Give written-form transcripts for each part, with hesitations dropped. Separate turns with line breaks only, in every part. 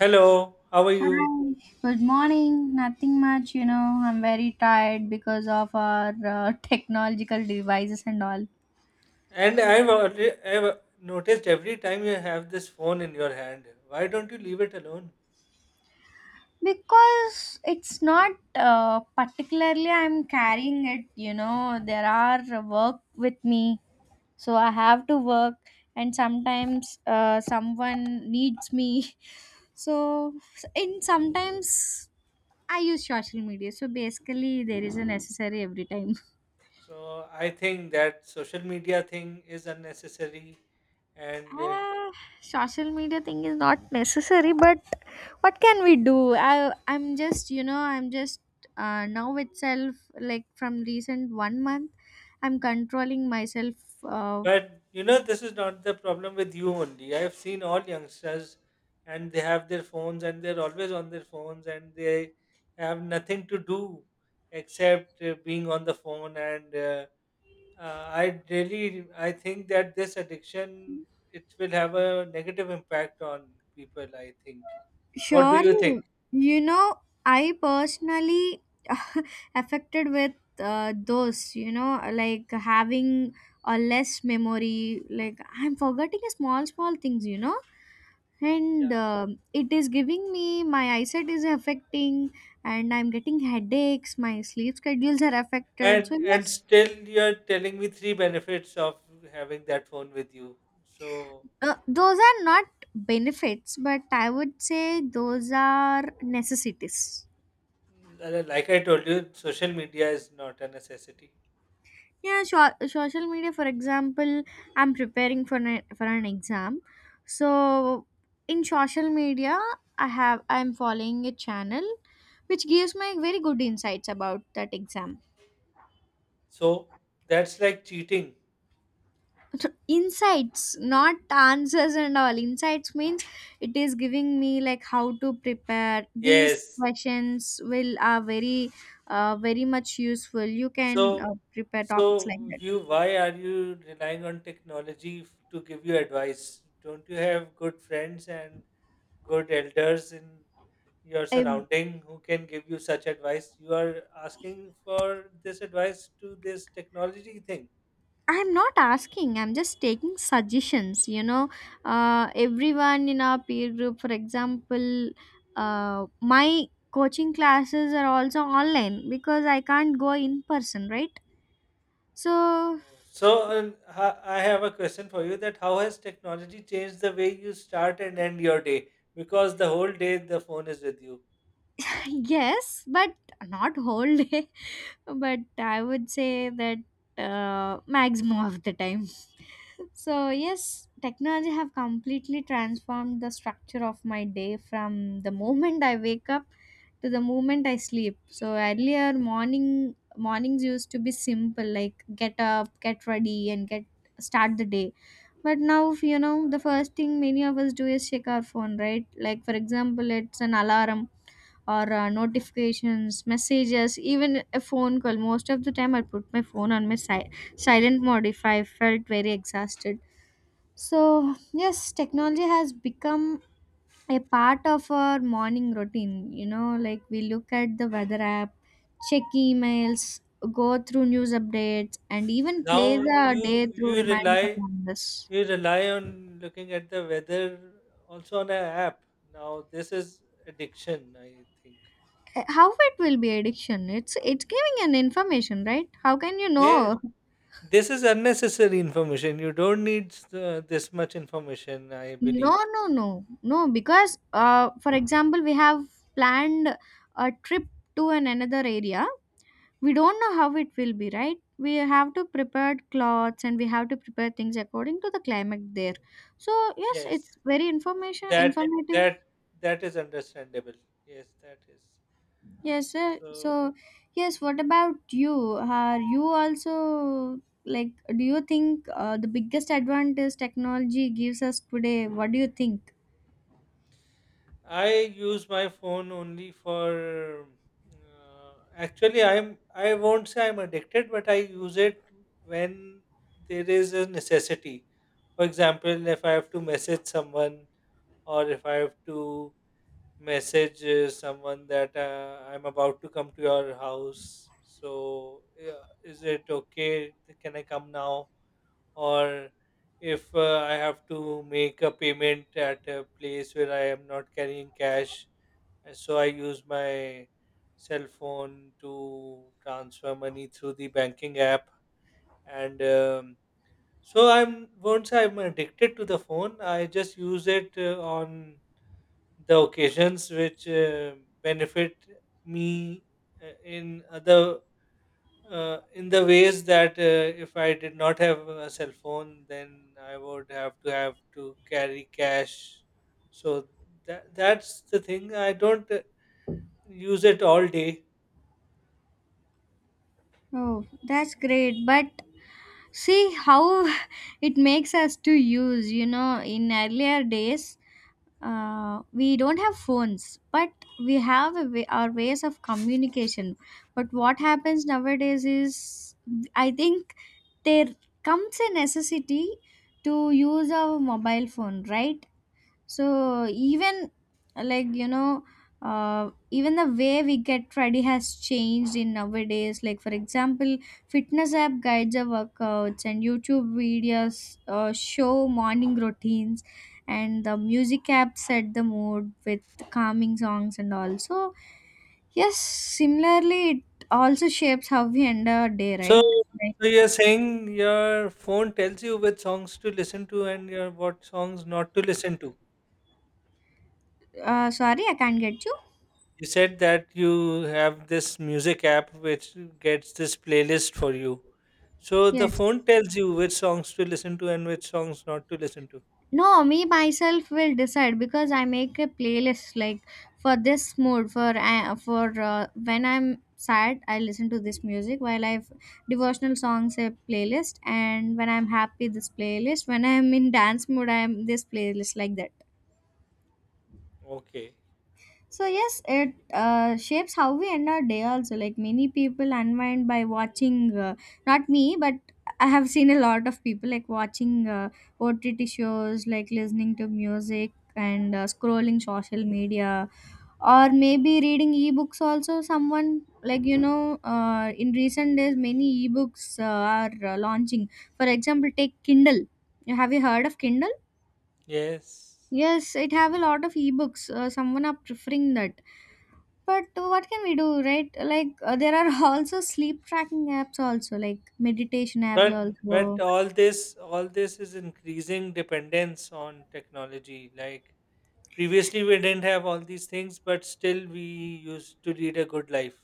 Hello, how are you?
Hi, good morning. Nothing much, you know. I'm very tired because of our technological devices and all.
And I've already I've noticed every time you have this phone in your hand. Why don't you leave it alone?
Because it's not particularly I'm carrying it, you know. There are work with me, so I have to work, and sometimes someone needs me. So, in sometimes I use social media. So basically, there is a necessary every time.
So I think that social media thing is unnecessary, and
Ah, Social media thing is not necessary, but what can we do? I'm just you know I'm just now itself like from recent 1 month, I'm controlling myself.
but you know, this is not the problem with you only. I've seen all youngsters, and they have their phones, and they're always on their phones, and they have nothing to do except being on the phone and. I really I think that this addiction, it will have a negative impact on people, I think. What do you
Surely,
think?
you know I personally affected with those you know like having a less memory. Like I'm forgetting a small small things. You know and
Yeah.
it is giving me, my eyesight is affecting, and I'm getting headaches, my sleep schedules are affected,
And
so
and
yes,
still, you're telling me three benefits of having that phone with you. So
those are not benefits, but I would say those are necessities.
like I told you, social media is not a necessity.
Yeah, social media for example, I'm preparing for an exam. So in social media, I'm following a channel which gives me very good insights about that exam.
So that's like cheating.
Insights, not answers and all. Insights means it is giving me like how to prepare, these
Yes.
questions will are very very much useful. You can
So
prepare topics like
so
that.
you, why are you relying on technology to give you advice? Don't you have good friends and good elders in your
I,
surrounding who can give you such advice? You are asking for this advice to this technology thing.
I'm not asking, I'm just taking suggestions, you know. Everyone in our peer group, for example, my coaching classes are also online because I can't go in person, right? So
I have a question for you: that how has technology changed the way you start and end your day? Because the whole day the phone is with you.
yes, but not whole day. But I would say that maximum of the time. So yes, technology have completely transformed the structure of my day from the moment I wake up to the moment I sleep. So earlier mornings used to be simple like get up, get ready and get start the day. But now, you know, the first thing many of us do is check our phone, right? Like, for example, it's an alarm or notifications, messages, even a phone call. Most of the time, I put my phone on my silent mode if I felt very exhausted. So, yes, technology has become a part of our morning routine. You know, like we look at the weather app, check emails, go through news updates, and even play
Now
the
you
day through
you
reminders of
rely
calendars.
you rely on looking at the weather also on an app. Now this is addiction, I think.
Eh, how it will be addiction? It's giving an information, right? How can you
Yes.
know?
This is unnecessary information. You don't need this much information, I
No,
believe.
no, no, no, because for example, we have planned a trip to an another area. We don't know how it will be, right? We have to prepare clothes and we have to prepare things according to the climate there. So yes,
Yes,
it's very information
that
informative.
that that is understandable. Yes, that is.
Yes, sir.
So
So, yes, what about you? Are you also like, do you think the biggest advantage technology gives us today? What do you think?
I use my phone only for. Actually, I won't say I'm addicted, but I use it when there is a necessity. For example, if I have to message someone, or if I have to message someone that I'm about to come to your house. So, yeah, is it okay? Can I come now? Or if I have to make a payment at a place where I am not carrying cash, so I use my cell phone to transfer money through the banking app. And So I'm won't say I'm addicted to the phone. I just use it on the occasions which benefit me in other, in the ways that if I did not have a cell phone, then I would have to carry cash. So that's the thing. I don't use it all day.
Oh, that's great. But see how it makes us to use, you know, in earlier days, we don't have phones, but we have a way, our ways of communication. But what happens nowadays is, I think, there comes a necessity to use our mobile phone, right? So even, like, you know, even the way we get ready has changed in nowadays. Like for example, fitness app guides our workouts and YouTube videos show morning routines, and the music app set the mood with calming songs. And also, yes, similarly it also shapes how we end our day,
So,
right? Like,
so you're saying your phone tells you which songs to listen to and your what songs not to listen to.
sorry, I can't get you.
You said that you have this music app which gets this playlist for you. So the
Yes.
phone tells you which songs to listen to and which songs not to listen to.
No, me myself will decide because I make a playlist, like for this mood, for when I'm sad I listen to this music, while I've devotional songs a playlist, and when I'm happy this playlist, when I'm in dance mood I'm this playlist, like that.
Okay.
So yes, it shapes how we end our day also. Like many people unwind by watching, not me, but I have seen a lot of people like watching OTT shows, like listening to music and scrolling social media, or maybe reading ebooks also. Someone, like, you know, in recent days, many ebooks are launching. For example, take Kindle. Have you heard of Kindle?
Yes.
Yes, it have a lot of ebooks. Someone are preferring that, but what can we do, right? Like, there are also sleep tracking apps also, like meditation apps
But but
also.
all this all this is increasing dependence on technology. Like previously we didn't have all these things, but still we used to lead a good life.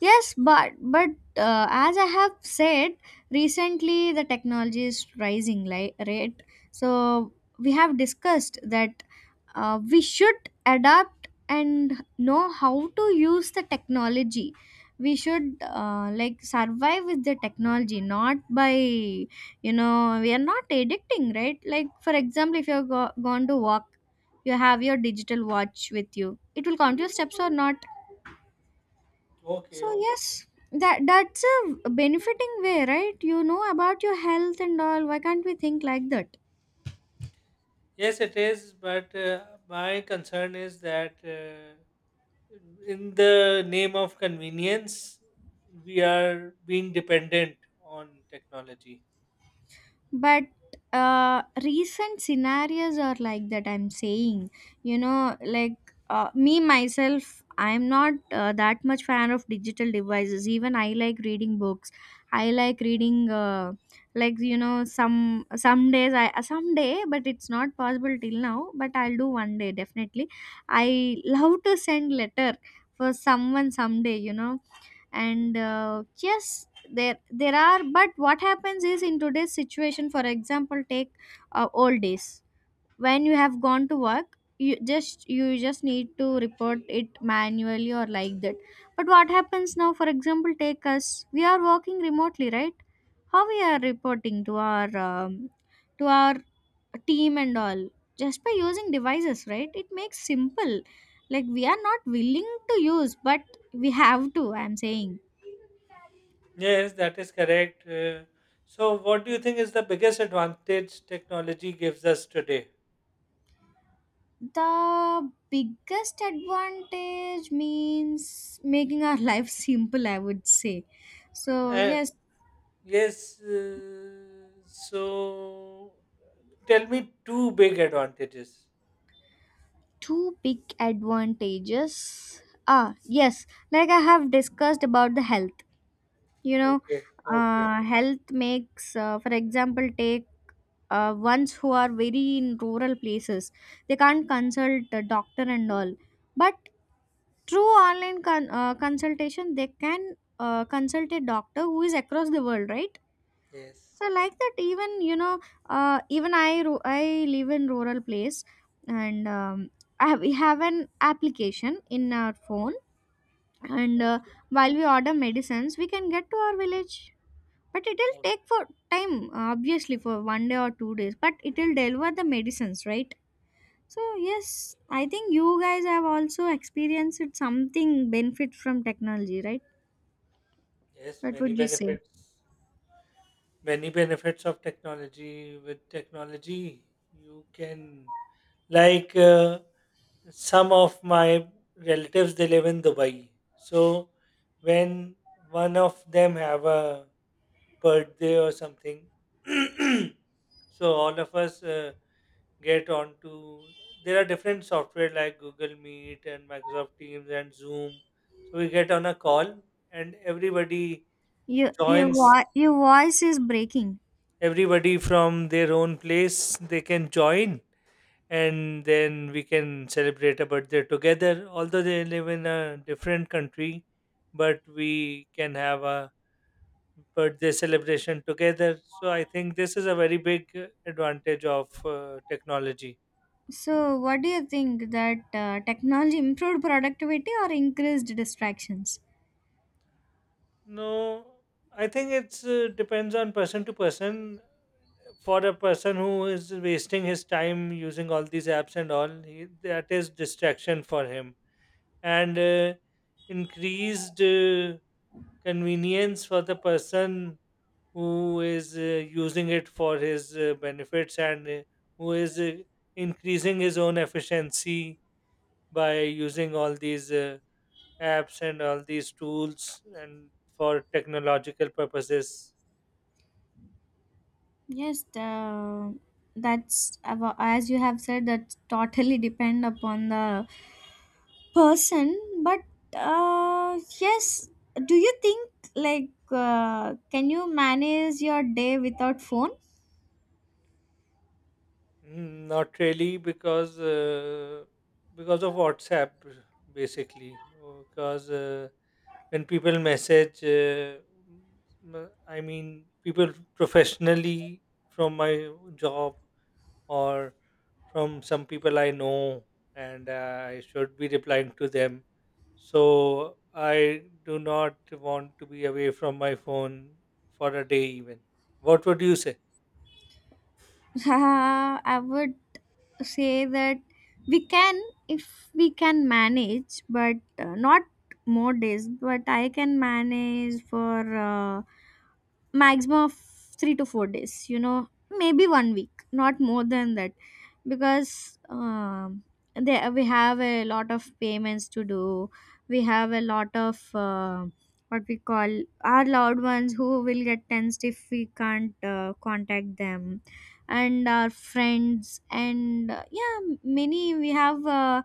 Yes, but as I have said, recently, the technology is rising, like rate. So we have discussed that we should adapt and know how to use the technology. We should, like, survive with the technology, not by, you know, we are not addicting, right? Like for example, if you're gone to walk, you have your digital watch with you. It will count your steps or not. So
Okay.
yes, that's a benefiting way, right? You know about your health and all. Why can't we think like that?
Yes, it is. But my concern is that in the name of convenience, we are being dependent on technology.
But recent scenarios are like that, I'm saying. You know, like, me myself, I'm not that much fan of digital devices. Even I like reading books. I like reading, like, you know, some days I, someday, but it's not possible till now, but I'll do one day definitely. I love to send letter for someone someday, you know. And yes, there are, but what happens is in today's situation. For example, take old days, when you have gone to work, you just need to report it manually or like that. But what happens now, for example, take us, we are working remotely, right? How we are reporting to our team and all? Just by using devices, right? It makes simple. Like, we are not willing to use, but we have to, I'm saying.
Yes, that is correct. So, what do you think is the biggest advantage technology gives us today?
The biggest advantage means making our life simple, I would say. So
Uh,
yes,
yes, so tell me two big advantages.
two big advantages. Ah, yes, like I have discussed about the health, you know.
Okay, okay,
Health makes, for example, take ones who are very in rural places, they can't consult a doctor and all, but through online consultation they can consult a doctor who is across the world, right?
yes,
So like that, even, you know, I live in rural place, and I have, we have an application in our phone, and
okay.
while we order medicines, we can get to our village. But it'll
Oh.
take for time, obviously, for 1 day or 2 days. But it'll deliver the medicines, right? So yes, I think you guys have also experienced something benefit from technology, right?
Yes,
What
many
would you say?
benefits. Many benefits of technology. With technology, you can. Like some of my relatives, they live in Dubai. So when one of them have a birthday or something, so all of us get on to. There are different software like Google Meet and Microsoft Teams and Zoom. So we get on a call and everybody
Your,
joins.
your voice is breaking.
Everybody from their own place, they can join, and then we can celebrate a birthday together. Although they live in a different country, but we can have a birthday celebration together. So I think this is a very big advantage of technology.
So, what do you think that technology improved productivity or increased distractions?
No, I think it's depends on person to person. For a person who is wasting his time using all these apps and all, he, that is distraction for him. And increased convenience for the person who is using it for his benefits, and who is increasing his own efficiency by using all these apps and all these tools and for technological purposes.
Yes, that's as you have said, that totally depend upon the person. But yes, do you think like can you manage your day without phone?
Mm, not really, because of WhatsApp, basically, because when people message , I mean, people professionally from my job or from some people I know, and I should be replying to them. So I do not want to be away from my phone for a day, even. What would you say?
I would say that we can, if we can manage, but not more days, but I can manage for. Maximum of 3 to 4 days, you know, maybe 1 week, not more than that, because there we have a lot of payments to do, we have a lot of what we call, our loved ones who will get tensed if we can't contact them, and our friends and yeah, many. We have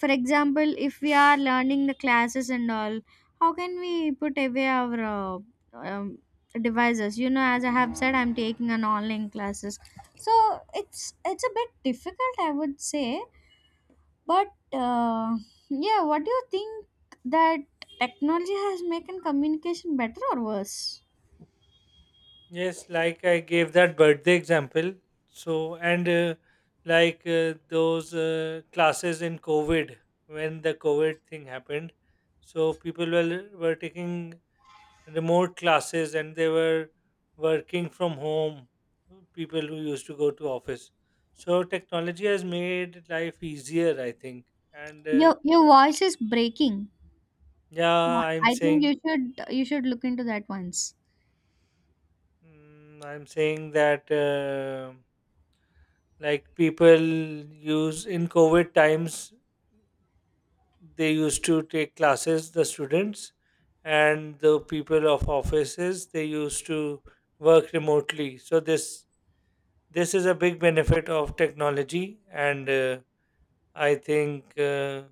for example, if we are learning the classes and all, how can we put away our um, devices, you know? As I have said, I'm taking an online classes, so it's it's a bit difficult, I would say. But uh, yeah, what do you think that technology has making communication better or worse?
Yes, like I gave that birthday example. So, and like those classes in COVID, when the COVID thing happened, so people were taking remote classes, and they were working from home. People who used to go to office, so technology has made life easier, I think. And
Your voice is breaking.
Yeah, I'm
I think you
saying.
should, you should look into that once.
Mm, I'm saying that like people use in COVID times, they used to take classes, the students, and the people of offices, they used to work remotely. So this is a big benefit of technology. And I think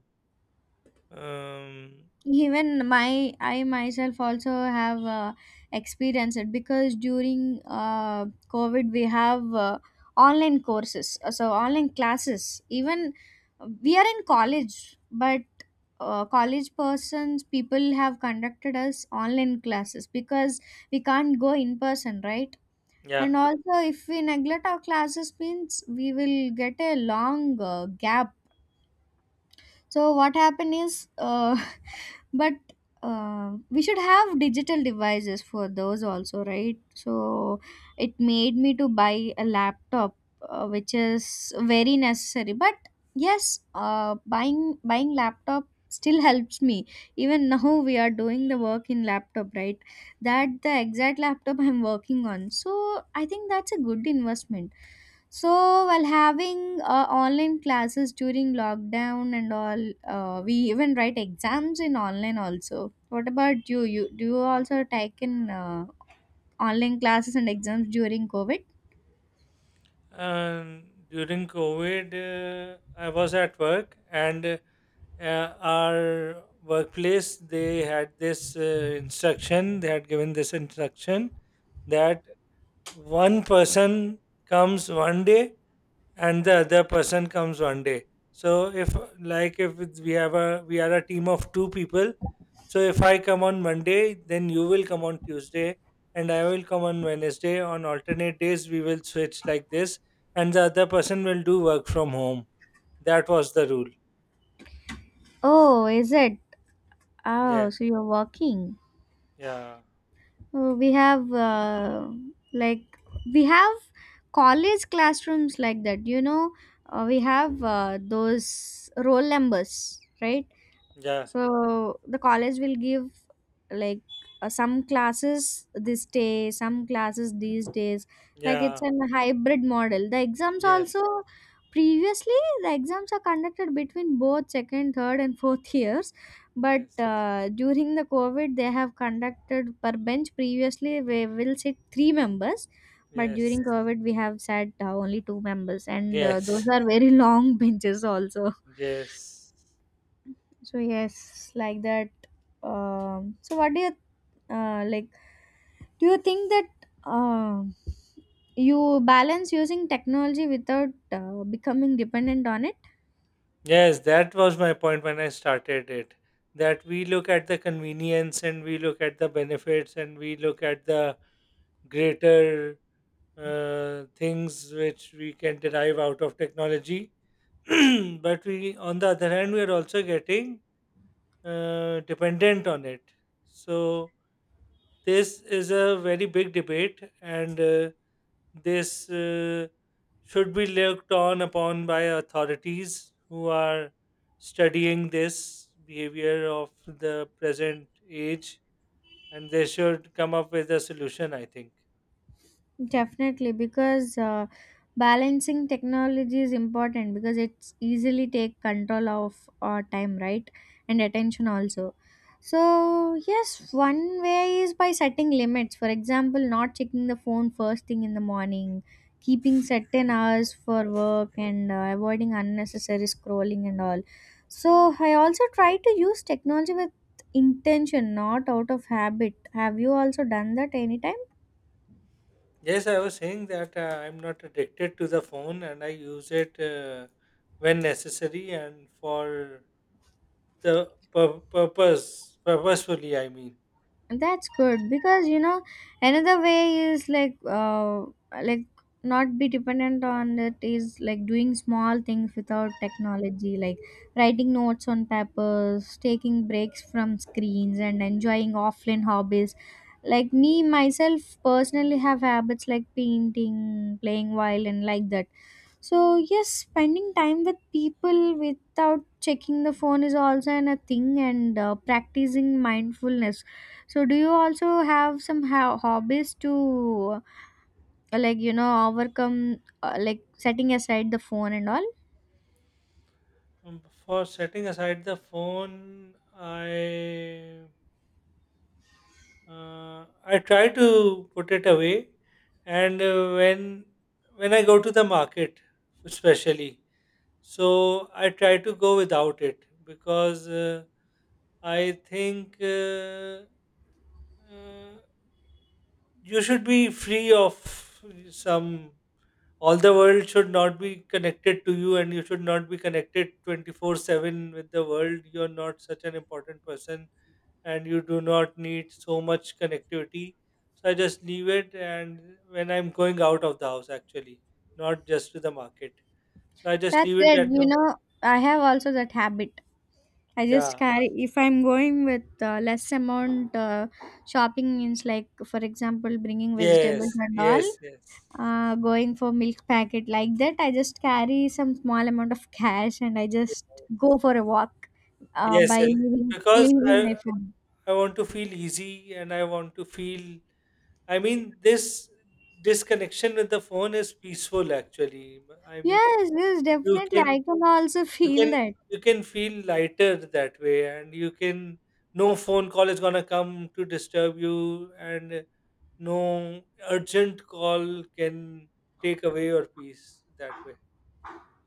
um,
Even my I myself also have experienced it because during COVID we have online courses so online classes. Even we are in college, but college persons people have conducted us online classes because we can't go in person, right?
yeah.
And also if we neglect our classes means we will get a long gap. So what happened is, but we should have digital devices for those also, right? So it made me to buy a laptop, which is very necessary. But yes, buying laptop still helps me. Even now we are doing the work in laptop, right? That the exact laptop I'm working on. So I think that's a good investment. So while having online classes during lockdown and all, we even write exams in online also. What about you? Do you also take in online classes and exams during COVID?
um, During COVID, I was at work, and uh, our workplace, they had this instruction. They had given this instruction that one person comes one day and the other person comes one day. So if like if it's- we have a, we are a team of two people. So if I come on Monday, then you will come on Tuesday, and I will come on Wednesday. On alternate days we will switch like this, and the other person will do work from home. That was the rule.
Oh, is it?
Yeah,
Oh, so you're working.
yeah,
Oh, we have like we have college classrooms like that. We have those roll numbers, right?
yeah,
So the college will give, like, some classes this day, some classes these days. Like, it's
yeah.
an hybrid model, the exams also.
Yes,
Previously, the exams are conducted between both second, third, and fourth years, but
yes,
during the COVID they have conducted per bench. Previously, we will sit three members, but
yes,
during COVID we have sat only two members, and
yes,
those are very long benches also.
yes.
So yes, like that. So what do you, like, do you think that um you balance using technology without becoming dependent on it?
Yes, that was my point when I started it. That we look at the convenience and we look at the benefits and we look at the greater things which we can derive out of technology. But we, on the other hand, we are also getting dependent on it. So this is a very big debate, and this should be looked on upon by authorities who are studying this behavior of the present age, and they should come up with a solution, I think.
Definitely, because balancing technology is important because it's easily take control of our time, right, and attention also. So yes, one way is by setting limits. For example, not checking the phone first thing in the morning, keeping certain hours for work, and avoiding unnecessary scrolling and all. So I also try to use technology with intention, not out of habit. Have you also done that anytime?
Yes, I was saying that I'm not addicted to the phone, and I use it when necessary and for the purposefully, I mean.
That's good because, you know, another way is like not be dependent on it is like doing small things without technology, like writing notes on papers, taking breaks from screens and enjoying offline hobbies. Like, me myself, personally, have habits like painting, playing violin, like that. So yes, spending time with people without checking the phone is also an a thing, and practicing mindfulness. So do you also have some hobbies to, like, you know, overcome, like, setting aside the phone and all?
Um, for setting aside the phone, i uh, I try to put it away. And when I go to the market, especially, so I try to go without it because I think uh, you should be free of some, all the world should not be connected to you, and you should not be connected 24/7 with the world. You're not such an important person, and you do not need so much connectivity. So I just leave it. And when I'm going out of the house, actually, not just to the market, so I just
That's
leave it
good.
at
You
home.
know, I have also that habit. I just
Yeah.
carry if I'm going with less amount shopping, means, like, for example, bringing vegetables
Yes,
and all.
yes, yes.
Going for milk packet, like that, I just carry some small amount of cash and I
Yes,
just go for a walk,
yes,
by
yes.
leaving,
because
leaving
i
my phone.
i want to feel easy, and I want to feel, I mean, this disconnection with the phone is peaceful. Actually, M- I mean,
Yes, yes,
you
definitely.
can
I can also
you can
feel that.
you can feel lighter that way, and you can, no phone call is gonna come to disturb you, and no urgent call can take away your peace that way.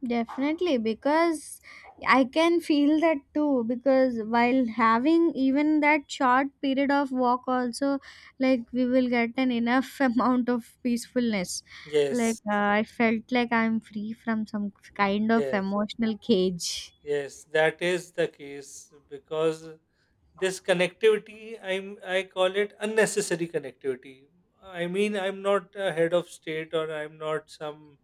Definitely, because I can feel that too. Because while having even that short period of walk also, like, we will get an enough amount of peacefulness. Like,
Yes,
I felt like I'm free from some kind of
yes.
emotional cage.
Yes, that is the case because this connectivity, I call it unnecessary connectivity. I mean, I'm not a head of state, or I'm not some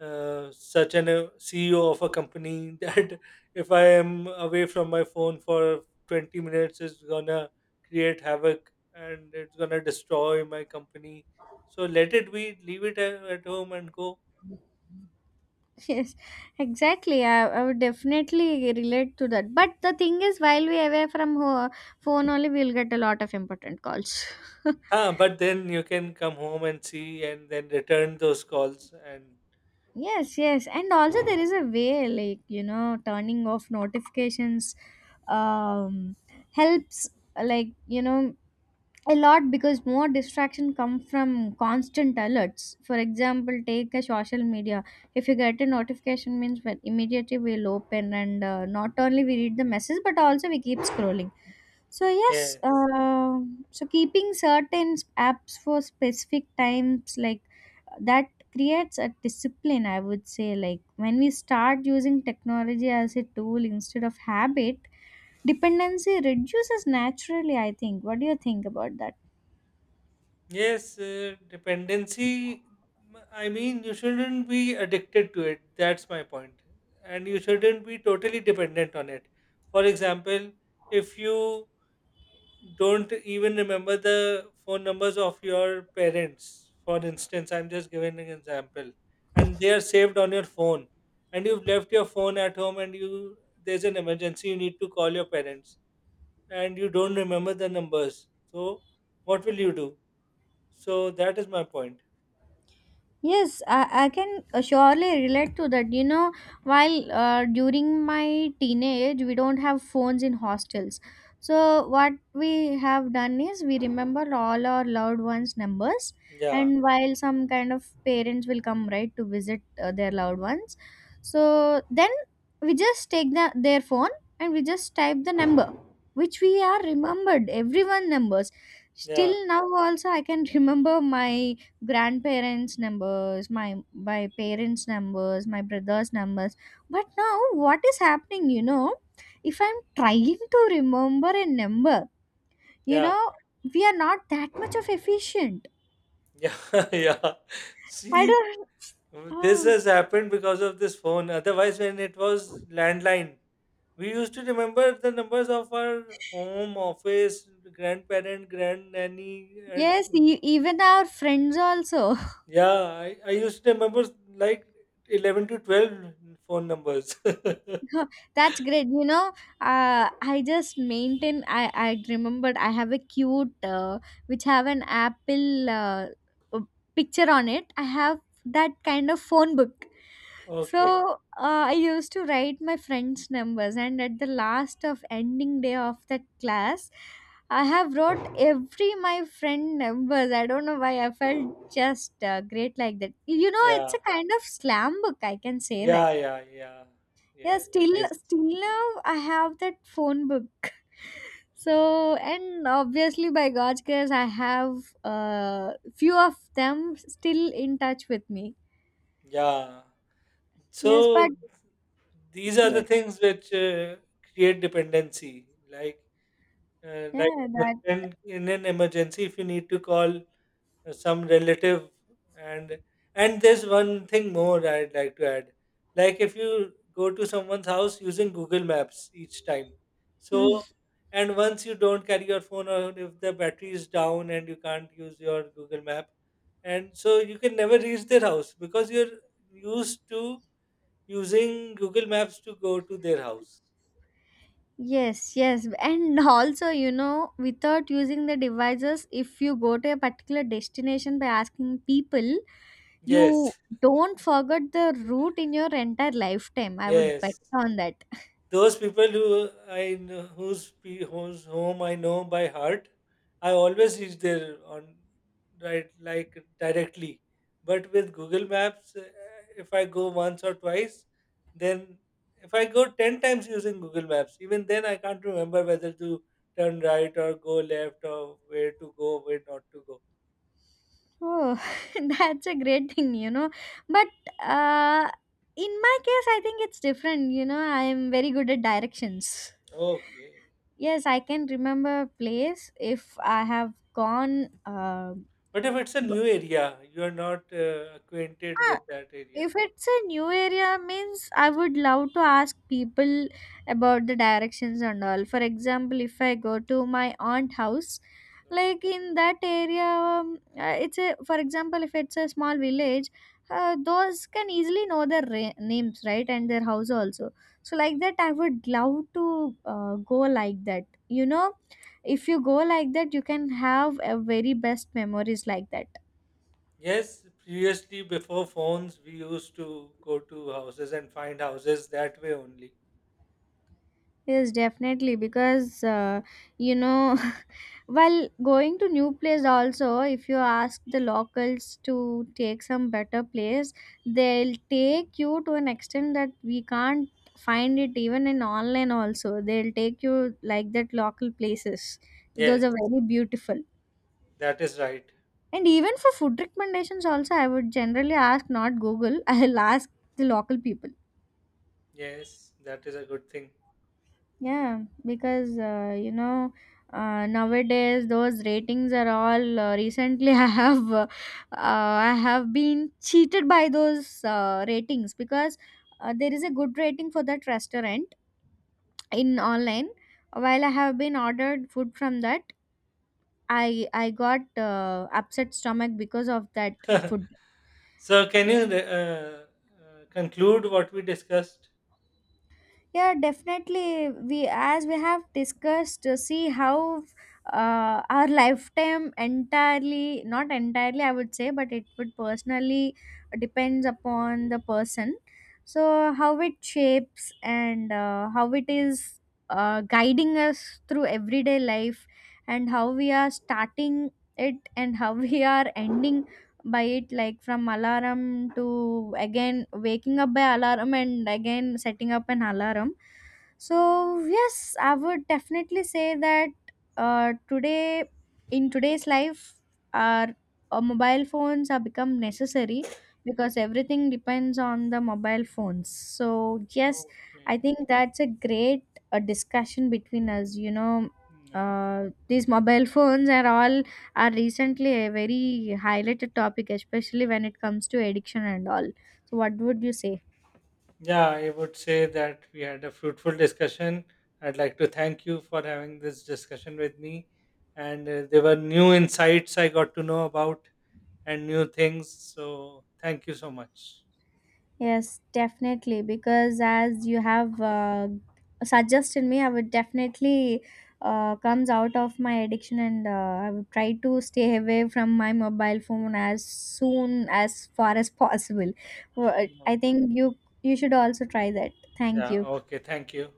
such an CEO of a company that if I am away from my phone for 20 minutes, it's gonna create havoc and it's gonna destroy my company. So let it be, leave it at home and go.
Yes, exactly. I would definitely relate to that. But the thing is, while we away from phone only, we'll get a lot of important calls.
Huh, but then you can come home and see and then return those calls and
Yes, yes. And also there is a way, like, you know, turning off notifications um helps, like, you know, a lot, because more distraction come from constant alerts. For example, take a social media. If you get a notification means, well, immediately we'll open and not only we read the message but also we keep scrolling. So yes,
yes.
so keeping certain apps for specific times like that creates a discipline, I would say. Like, when we start using technology as a tool instead of habit, dependency reduces naturally, I think. What do you think about that?
Yes, dependency, I mean, you shouldn't be addicted to it. That's my point. And you shouldn't be totally dependent on it. For example, if you don't even remember the phone numbers of your parents. For instance, I'm just giving an example, and they are saved on your phone, and you've left your phone at home, and you, there's an emergency, you need to call your parents, and you don't remember the numbers. So what will you do? So that is my point.
Yes, I can surely relate to that. You know, while during my teenage, we don't have phones in hostels. So, what we have done is we remember all our loved ones' numbers,
Yeah,
and while some kind of parents will come right to visit their loved ones, so then we just take their phone and we just type the number which we are remembered. Everyone numbers.
yeah,
Still now, also, I can remember my grandparents' numbers, my parents' numbers, my brothers' numbers. But now, what is happening, you know, if I'm trying to remember a number, you
yeah,
know, we are not that much of efficient.
yeah, yeah.
I
See,
don't.
this
Oh,
has happened because of this phone. Otherwise, when it was landline, we used to remember the numbers of our home, office, grandparent, grand nanny, and
yes. Even our friends also.
yeah, I used to remember like 11 to 12 phone numbers.
That's great. You know, I just maintain. I remembered I have a cute, which have an apple, uh, picture on it. I have that kind of phone book.
Okay.
So, I used to write my friends' numbers, and at the last of ending day of that class, I have wrote every my friend numbers. I don't know why I felt just great like that. You know, it's a
Yeah.
kind of slam book. I can say that.
Yeah. Yeah. Yeah.
Yeah,
Yeah. It
still,
is.
still now I have that phone book. So, and obviously, by God's grace, I have few of them still in touch with me.
Yeah.
Yes, but
So these are the
yes,
things which create dependency. Like Uh,
yeah,
like
that.
in an emergency, if you need to call some relative, and and there's one thing more I'd like to add. Like if you go to someone's house using Google Maps each time, so
Mm.
and once you don't carry your phone or if the battery is down and you can't use your Google Map, and so you can never reach their house because you're used to using Google Maps to go to their house.
Yes, yes, and also, you know, without using the devices, if you go to a particular destination by asking people, you
Yes,
don't forget the route in your entire lifetime. I would bet
yes.
on that.
Those people who I know, whose whose home I know by heart, I always reach there on, right, like directly. But with Google Maps, if I go once or twice, then if I go ten times using Google Maps, even then I can't remember whether to turn right or go left or where to go, where not to go.
Oh, that's a great thing. But, uh, in my case, I think it's different. You know, I am very good at directions.
Okay.
Yes, I can remember a place if I have gone.
But if it's a
Go-
new area, you are not acquainted
ah,
with that area.
If it's a new area, means I would love to ask people about the directions and all. For example, if I go to my aunt house, like, in that area, it's a for example, if it's a small village, those can easily know their names, right, and their house also. So, like that, I would love to go like that. You know, if you go like that, you can have a very best memories like that.
Yes, previously before phones, we used to go to houses and find houses that way only.
Yes, definitely. Because, you know, while going to new place also, if you ask the locals to take some better place, they'll take you to an extent that we can't find it even in online also. They'll take you like that local places. Those
Yes,
are very beautiful.
that is right.
And even for food recommendations also, I would generally ask, not Google. I'll ask the local people.
Yes, that is a good thing.
Yeah, because nowadays those ratings are all, recently, I have been cheated by those ratings, because there is a good rating for that restaurant in online, while I have been ordered food from that, I got upset stomach because of that food.
So, can you conclude what we discussed?
Yeah, definitely. We, as we have discussed, to see how our lifetime entirely, not entirely, I would say, but it would personally depends upon the person. So how it shapes and how it is guiding us through everyday life, and how we are starting it and how we are ending by it, like from alarm to again waking up by alarm and again setting up an alarm. So yes, I would definitely say that today, in today's life, our mobile phones have become necessary because everything depends on the mobile phones. So yes, I
Okay.
think that's a great discussion between us.
Yeah.
These mobile phones are recently a very highlighted topic, especially when it comes to addiction and all. So, what would you say?
Yeah, I would say that we had a fruitful discussion. I'd like to thank you for having this discussion with me. And there were new insights I got to know about and new things. So, thank you so much.
Yes, definitely. Because as you have suggested me, I would definitely comes out of my addiction, and I would try to stay away from my mobile phone as soon as far as possible. Well, I think you should also try that. Thank
Yeah.
you.
Okay. Thank you.